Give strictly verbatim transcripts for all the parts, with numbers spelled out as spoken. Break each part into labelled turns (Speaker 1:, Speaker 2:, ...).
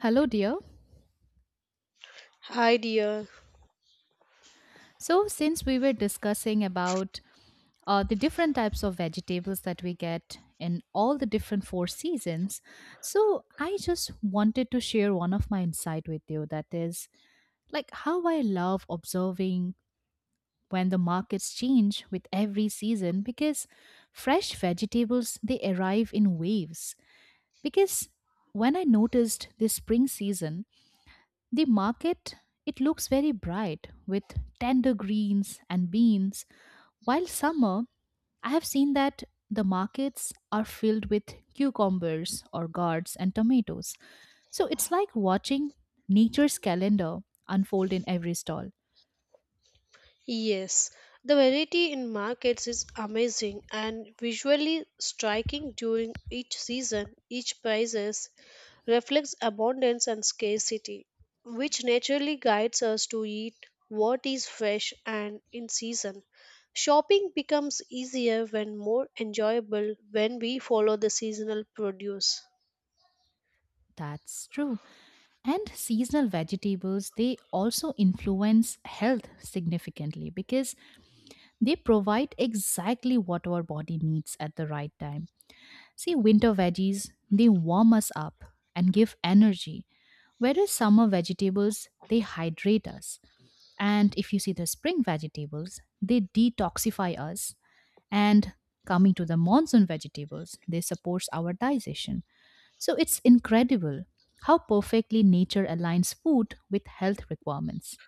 Speaker 1: Hello, dear.
Speaker 2: Hi dear.
Speaker 1: So, since we were discussing about uh, the different types of vegetables that we get in all the different four seasons, so I just wanted to share one of my insight with you, that is like how I love observing when the markets change with every season, because fresh vegetables they arrive in waves, because when I noticed this spring season, the market, it looks very bright with tender greens and beans. While summer, I have seen that the markets are filled with cucumbers or gourds and tomatoes. So it's like watching nature's calendar unfold in every stall.
Speaker 2: Yes, the variety in markets is amazing and visually striking during each season. Each prices reflects abundance and scarcity, which naturally guides us to eat what is fresh and in season. Shopping becomes easier when more enjoyable when we follow the seasonal produce.
Speaker 1: That's true. And seasonal vegetables, they also influence health significantly, because they provide exactly what our body needs at the right time. See, winter veggies, they warm us up and give energy, whereas summer vegetables, they hydrate us. And if you see the spring vegetables, they detoxify us. And coming to the monsoon vegetables, they support our digestion. So it's incredible how perfectly nature aligns food with health requirements.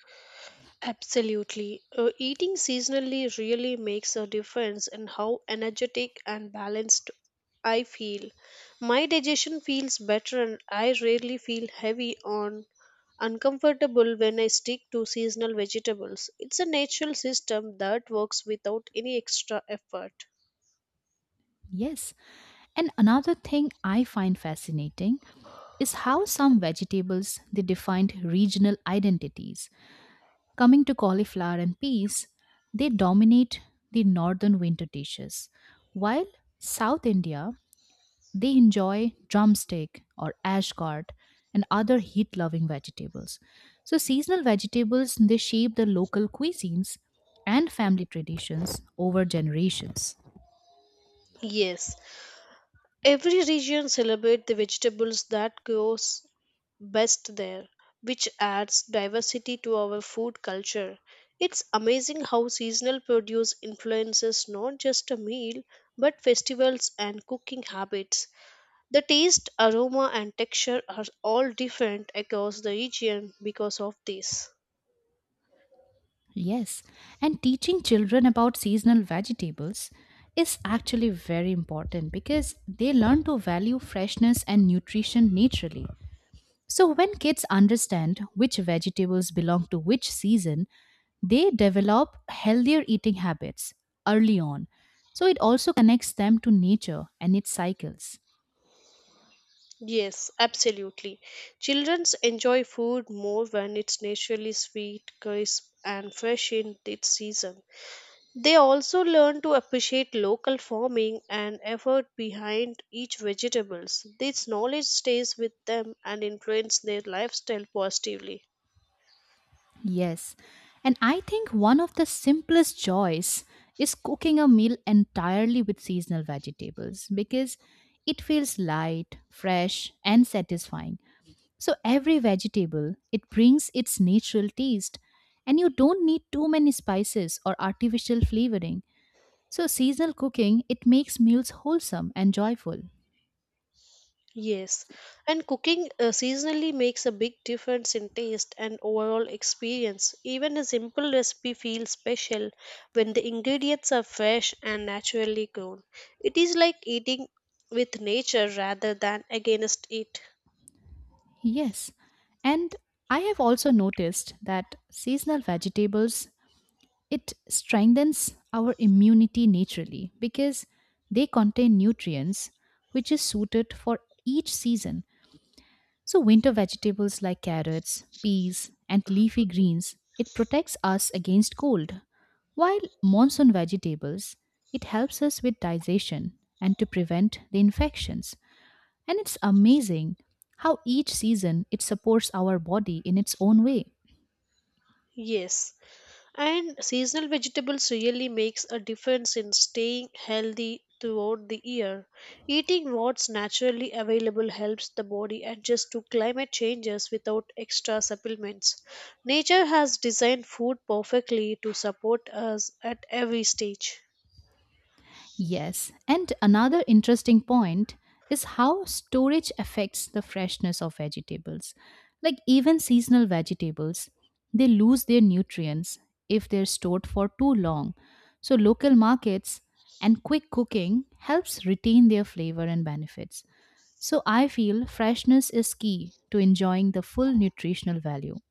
Speaker 2: Absolutely. Uh, eating seasonally really makes a difference in how energetic and balanced I feel. My digestion feels better and I rarely feel heavy on uncomfortable when I stick to seasonal vegetables. It's a natural system that works without any extra effort.
Speaker 1: Yes. And another thing I find fascinating is how some vegetables they defined regional identities. Coming to cauliflower and peas, they dominate the northern winter dishes, while South India they enjoy drumstick or ash gourd and other heat-loving vegetables. So seasonal vegetables they shape the local cuisines and family traditions over generations.
Speaker 2: Yes, every region celebrates the vegetables that grows best there, which adds diversity to our food culture. It's amazing how seasonal produce influences not just a meal but festivals and cooking habits. The taste, aroma, and texture are all different across the region because of this.
Speaker 1: Yes, and teaching children about seasonal vegetables is actually very important, because they learn to value freshness and nutrition naturally. So, when kids understand which vegetables belong to which season, they develop healthier eating habits early on. So, it also connects them to nature and its cycles.
Speaker 2: Yes, absolutely. Children enjoy food more when it's naturally sweet, crisp, and fresh in its season. They also learn to appreciate local farming and effort behind each vegetables. This knowledge stays with them and influence their lifestyle positively.
Speaker 1: Yes. And I think one of the simplest joys is cooking a meal entirely with seasonal vegetables, because it feels light, fresh, and satisfying. So every vegetable, it brings its natural taste, and you don't need too many spices or artificial flavoring. So seasonal cooking, it makes meals wholesome and joyful.
Speaker 2: Yes, and cooking uh, seasonally makes a big difference in taste and overall experience. Even a simple recipe feels special when the ingredients are fresh and naturally grown. It is like eating with nature rather than against it.
Speaker 1: Yes. And I have also noticed that seasonal vegetables, it strengthens our immunity naturally, because they contain nutrients which is suited for each season. So, winter vegetables like carrots, peas, and leafy greens, it protects us against cold. While monsoon vegetables, it helps us with digestion and to prevent the infections. And it's amazing how each season it supports our body in its own way.
Speaker 2: Yes, and seasonal vegetables really makes a difference in staying healthy throughout the year. Eating what's naturally available helps the body adjust to climate changes without extra supplements. Nature has designed food perfectly to support us at every stage.
Speaker 1: Yes, and another interesting point is how storage affects the freshness of vegetables. Like even seasonal vegetables, they lose their nutrients if they're stored for too long. So local markets and quick cooking helps retain their flavor and benefits. So I feel freshness is key to enjoying the full nutritional value.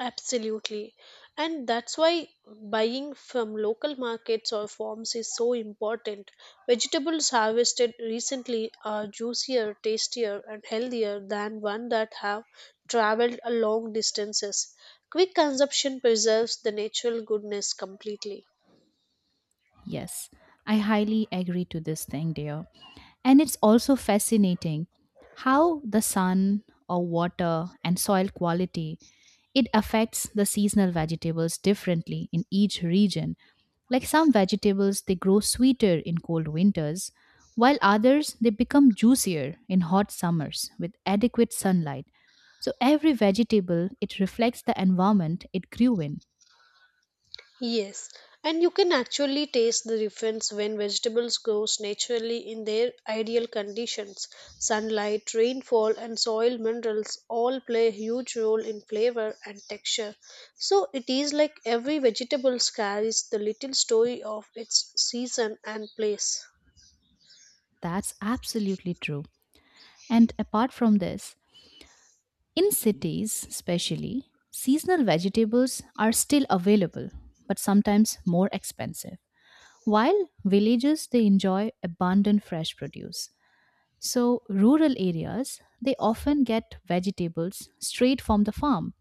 Speaker 2: Absolutely. And that's why buying from local markets or farms is so important. Vegetables harvested recently are juicier, tastier, and healthier than one that have traveled a long distances. Quick consumption preserves the natural goodness completely.
Speaker 1: Yes, I highly agree to this thing, dear. And it's also fascinating how the sun or water and soil quality it affects the seasonal vegetables differently in each region. Like some vegetables they grow sweeter in cold winters, while others they become juicier in hot summers with adequate sunlight. So every vegetable it reflects the environment it grew in.
Speaker 2: Yes, and you can actually taste the difference when vegetables grows naturally in their ideal conditions. Sunlight, rainfall and soil minerals all play a huge role in flavor and texture. So it is like every vegetable carries the little story of its season and place.
Speaker 1: That's absolutely true. And apart from this, in cities, especially, seasonal vegetables are still available, but sometimes more expensive. While villages they enjoy abundant fresh produce. So rural areas they often get vegetables straight from the farm,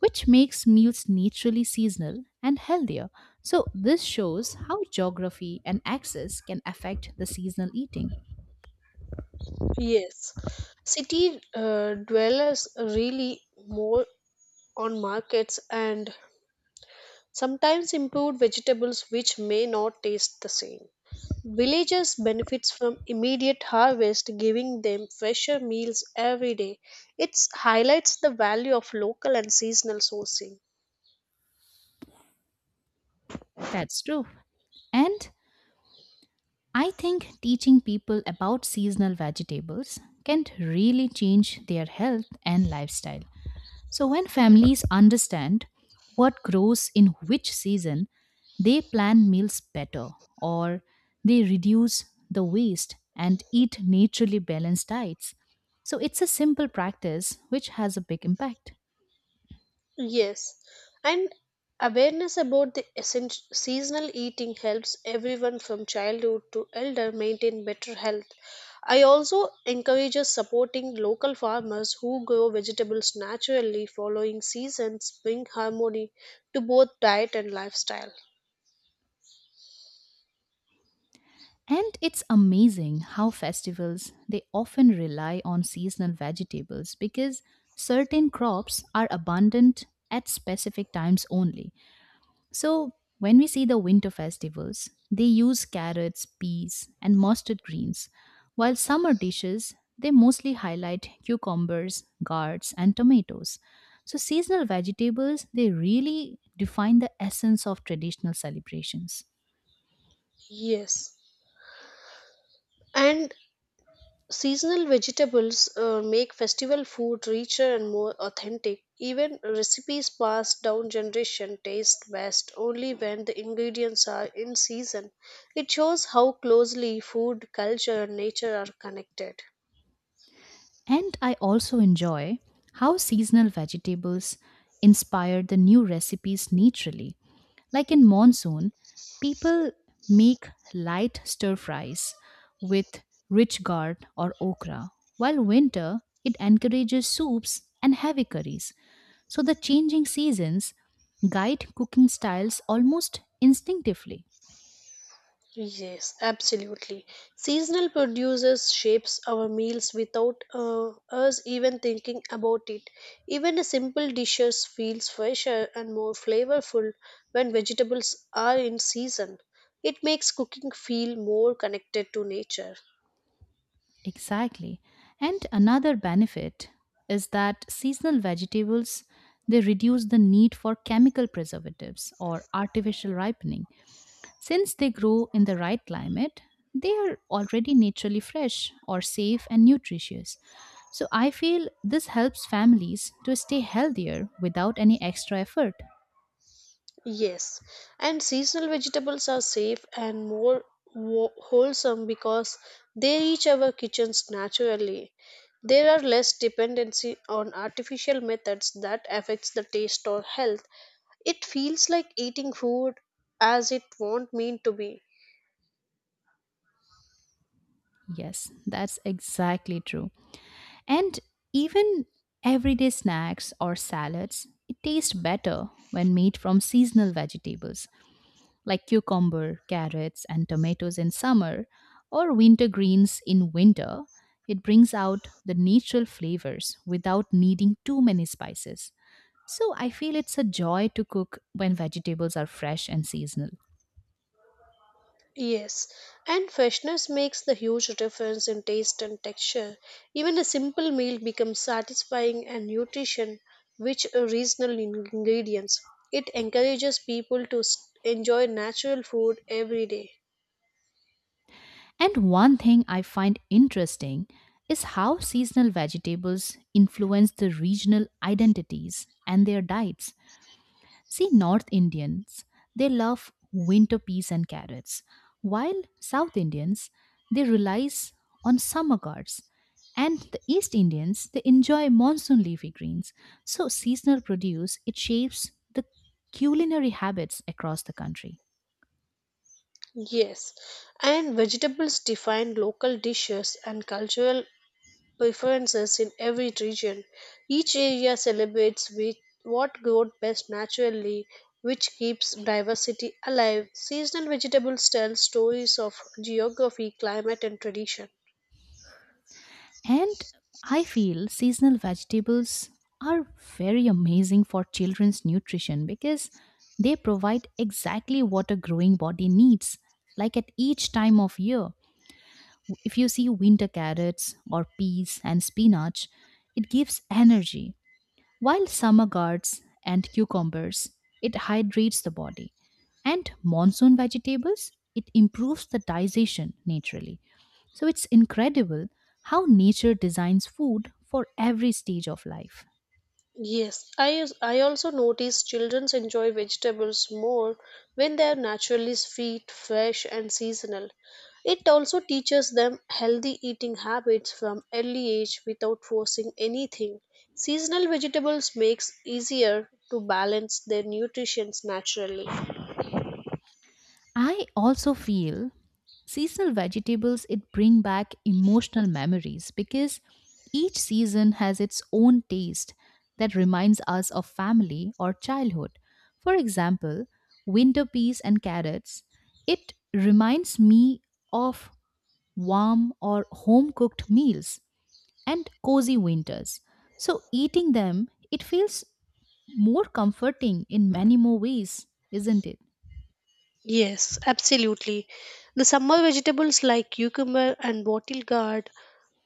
Speaker 1: which makes meals naturally seasonal and healthier. So this shows how geography and access can affect the seasonal eating.
Speaker 2: Yes. City uh, dwellers really more on markets and sometimes improved vegetables which may not taste the same. Villagers benefits from immediate harvest giving them fresher meals every day. It highlights the value of local and seasonal sourcing.
Speaker 1: That's true. And I think teaching people about seasonal vegetables can really change their health and lifestyle. So, when families understand what grows in which season, they plan meals better, or they reduce the waste and eat naturally balanced diets. So, it's a simple practice which has a big impact.
Speaker 2: Yes, and awareness about the essential seasonal eating helps everyone from childhood to elder maintain better health. I also encourages supporting local farmers who grow vegetables naturally following seasons bring harmony to both diet and lifestyle.
Speaker 1: And it's amazing how festivals they often rely on seasonal vegetables, because certain crops are abundant at specific times only. So when we see the winter festivals, they use carrots, peas, and mustard greens, while summer dishes they mostly highlight cucumbers, gourds, and tomatoes. So seasonal vegetables they really define the essence of traditional celebrations.
Speaker 2: Yes. And seasonal vegetables uh, make festival food richer and more authentic. Even recipes passed down generation taste best only when the ingredients are in season. It shows how closely food, culture, and nature are connected.
Speaker 1: And I also enjoy how seasonal vegetables inspire the new recipes naturally. Like in monsoon, people make light stir fries with rich gourd or okra, while winter it encourages soups and heavy curries. So the changing seasons guide cooking styles almost instinctively.
Speaker 2: Yes, absolutely. Seasonal produces shapes our meals without uh, us even thinking about it. Even a simple dishes feels fresher and more flavorful when vegetables are in season. It makes cooking feel more connected to nature.
Speaker 1: Exactly. And another benefit is that seasonal vegetables they reduce the need for chemical preservatives or artificial ripening. Since they grow in the right climate, they are already naturally fresh or safe and nutritious. So I feel this helps families to stay healthier without any extra effort.
Speaker 2: Yes, and seasonal vegetables are safe and more wo- wholesome because they reach our kitchens naturally. There are less dependency on artificial methods that affects the taste or health. It feels like eating food as it won't mean to be.
Speaker 1: Yes, that's exactly true. And even everyday snacks or salads, it tastes better when made from seasonal vegetables like cucumber, carrots, and tomatoes in summer, or winter greens in winter. It brings out the natural flavors without needing too many spices. So I feel it's a joy to cook when vegetables are fresh and seasonal.
Speaker 2: Yes, and freshness makes the huge difference in taste and texture. Even a simple meal becomes satisfying and nutrition rich uh, regional in- ingredients. It encourages people to s- enjoy natural food every day.
Speaker 1: And one thing I find interesting is how seasonal vegetables influence the regional identities and their diets. See, North Indians, they love winter peas and carrots, while South Indians, they rely on summer gourds. And the East Indians, they enjoy monsoon leafy greens. So, seasonal produce, it shapes the culinary habits across the country.
Speaker 2: Yes, and vegetables define local dishes and cultural preferences in every region. Each area celebrates with what grows best naturally, which keeps diversity alive. Seasonal vegetables tell stories of geography, climate, and tradition.
Speaker 1: And I feel seasonal vegetables are very amazing for children's nutrition, because they provide exactly what a growing body needs, like at each time of year. If you see winter carrots or peas and spinach, it gives energy, while summer gourds and cucumbers it hydrates the body, and monsoon vegetables it improves the digestion naturally. So it's incredible how nature designs food for every stage of life.
Speaker 2: Yes, I, I also notice children enjoy vegetables more when they are naturally sweet, fresh, and seasonal. It also teaches them healthy eating habits from early age without forcing anything. Seasonal vegetables makes easier to balance their nutrition naturally.
Speaker 1: I also feel seasonal vegetables it bring back emotional memories, because each season has its own taste that reminds us of family or childhood. For example, winter peas and carrots, it reminds me of warm or home cooked meals and cozy winters. So eating them, it feels more comforting in many more ways, isn't it?
Speaker 2: Yes, absolutely. The summer vegetables like cucumber and wattle gourd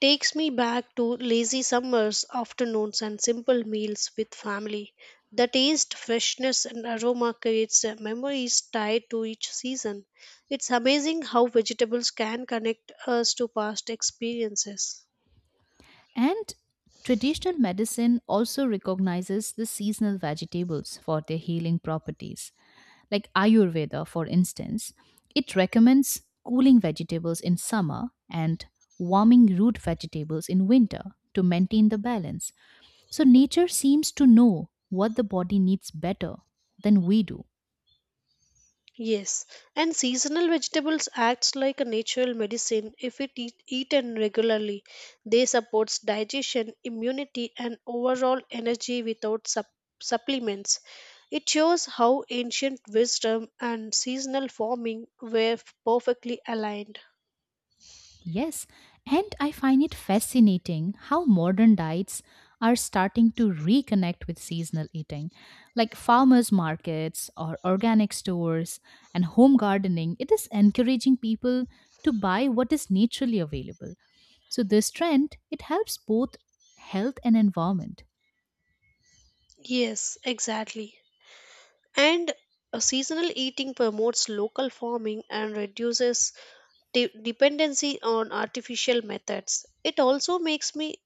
Speaker 2: takes me back to lazy summers, afternoons and simple meals with family. The taste, freshness and aroma creates uh, memories tied to each season. It's amazing how vegetables can connect us to past experiences.
Speaker 1: And traditional medicine also recognizes the seasonal vegetables for their healing properties. Like Ayurveda, for instance, it recommends cooling vegetables in summer and warming root vegetables in winter to maintain the balance. So nature seems to know what the body needs better than we do.
Speaker 2: Yes, and seasonal vegetables acts like a natural medicine if it eat, eaten regularly. They supports digestion, immunity and overall energy without sup- supplements. It shows how ancient wisdom and seasonal farming were perfectly aligned.
Speaker 1: Yes, and I find it fascinating how modern diets are starting to reconnect with seasonal eating, like farmers' markets or organic stores and home gardening. It is encouraging people to buy what is naturally available. So this trend, it helps both health and environment.
Speaker 2: Yes, exactly. And a seasonal eating promotes local farming and reduces de- dependency on artificial methods. It also makes me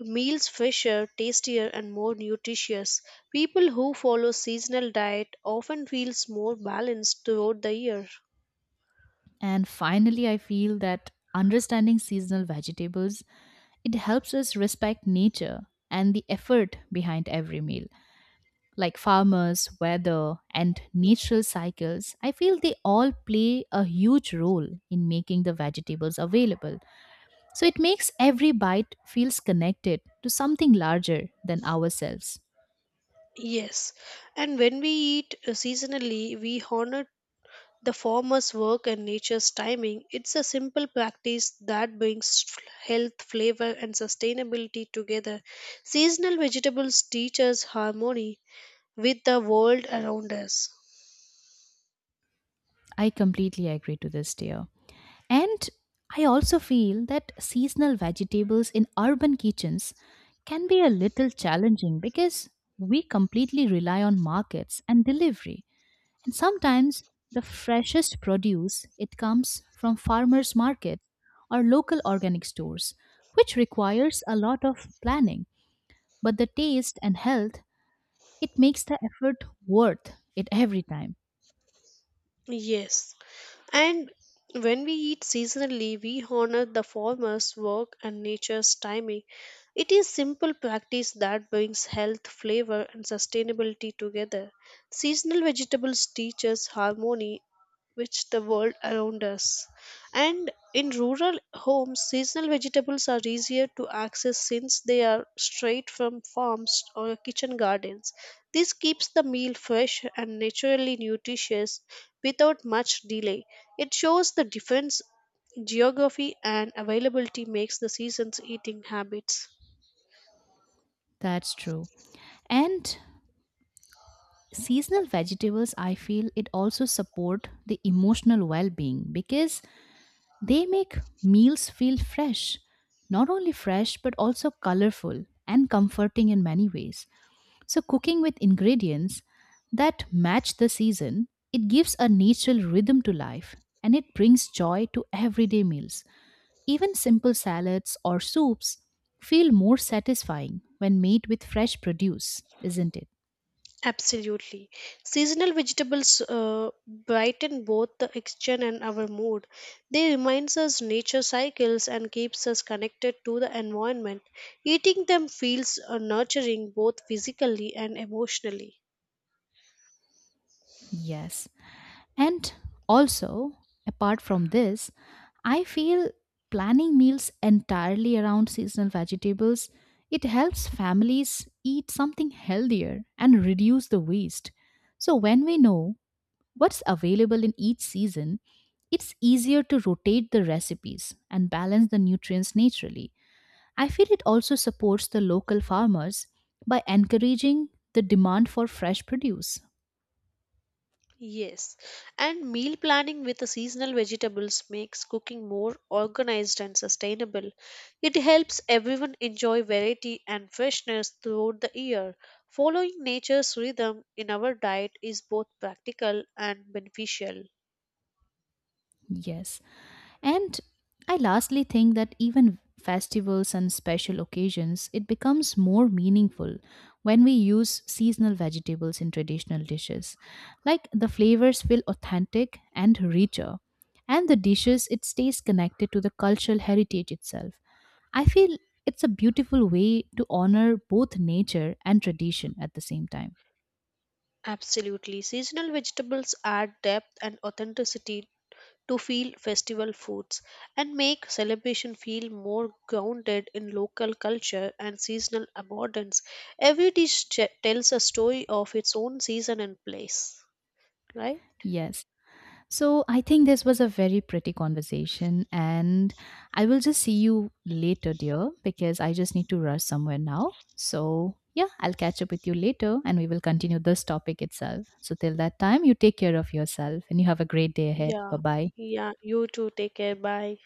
Speaker 2: meals fresher, tastier, and more nutritious. People who follow seasonal diet often feels more balanced throughout the year.
Speaker 1: And finally, I feel that understanding seasonal vegetables, it helps us respect nature and the effort behind every meal. Like farmers, weather, and natural cycles, I feel they all play a huge role in making the vegetables available. So it makes every bite feels connected to something larger than ourselves.
Speaker 2: Yes, and when we eat uh, seasonally, we honor the farmer's work and nature's timing. It's a simple practice that brings f- health, flavor, and sustainability together. Seasonal vegetables teach us harmony with the world around us.
Speaker 1: I completely agree to this, dear. And I also feel that seasonal vegetables in urban kitchens can be a little challenging, because we completely rely on markets and delivery. And sometimes the freshest produce it comes from farmers markets or local organic stores, which requires a lot of planning, but the taste and health it makes the effort worth it every time.
Speaker 2: Yes. And when we eat seasonally, we honor the farmer's work and nature's timing. It is simple practice that brings health, flavor, and sustainability together. Seasonal vegetables teach us harmony, which the world around us. And in rural homes, seasonal vegetables are easier to access since they are straight from farms or kitchen gardens. This keeps the meal fresh and naturally nutritious without much delay. It shows the difference geography and availability makes the season's eating habits.
Speaker 1: That's true. And seasonal vegetables I feel it also support the emotional well-being, because they make meals feel fresh, not only fresh but also colorful and comforting in many ways. So cooking with ingredients that match the season it gives a natural rhythm to life, and it brings joy to everyday meals. Even simple salads or soups feel more satisfying when made with fresh produce, isn't it?
Speaker 2: Absolutely. Seasonal vegetables uh, brighten both the exchanged and our mood. They reminds us nature cycles and keeps us connected to the environment. Eating them feels uh, nurturing both physically and emotionally.
Speaker 1: Yes. And also, apart from this, I feel planning meals entirely around seasonal vegetables it helps families eat something healthier and reduce the waste. So when we know what's available in each season, it's easier to rotate the recipes and balance the nutrients naturally. I feel it also supports the local farmers by encouraging the demand for fresh produce.
Speaker 2: Yes, and meal planning with the seasonal vegetables makes cooking more organized and sustainable. It helps everyone enjoy variety and freshness throughout the year. Following nature's rhythm in our diet is both practical and beneficial.
Speaker 1: Yes. And I lastly think that even festivals and special occasions, it becomes more meaningful when we use seasonal vegetables in traditional dishes. Like the flavors feel authentic and richer, and the dishes, it stays connected to the cultural heritage itself. I feel it's a beautiful way to honor both nature and tradition at the same time.
Speaker 2: Absolutely, seasonal vegetables add depth and authenticity to feel festival foods and make celebration feel more grounded in local culture and seasonal abundance. Every dish ch- tells a story of its own season and place, right?
Speaker 1: Yes. So I think this was a very pretty conversation, and I will just see you later, dear, because I just need to rush somewhere now. So, yeah, I'll catch up with you later and we will continue this topic itself. So, till that time, you take care of yourself and you have a great day ahead. Bye
Speaker 2: Yeah,
Speaker 1: bye.
Speaker 2: yeah, you too. Take care. Bye.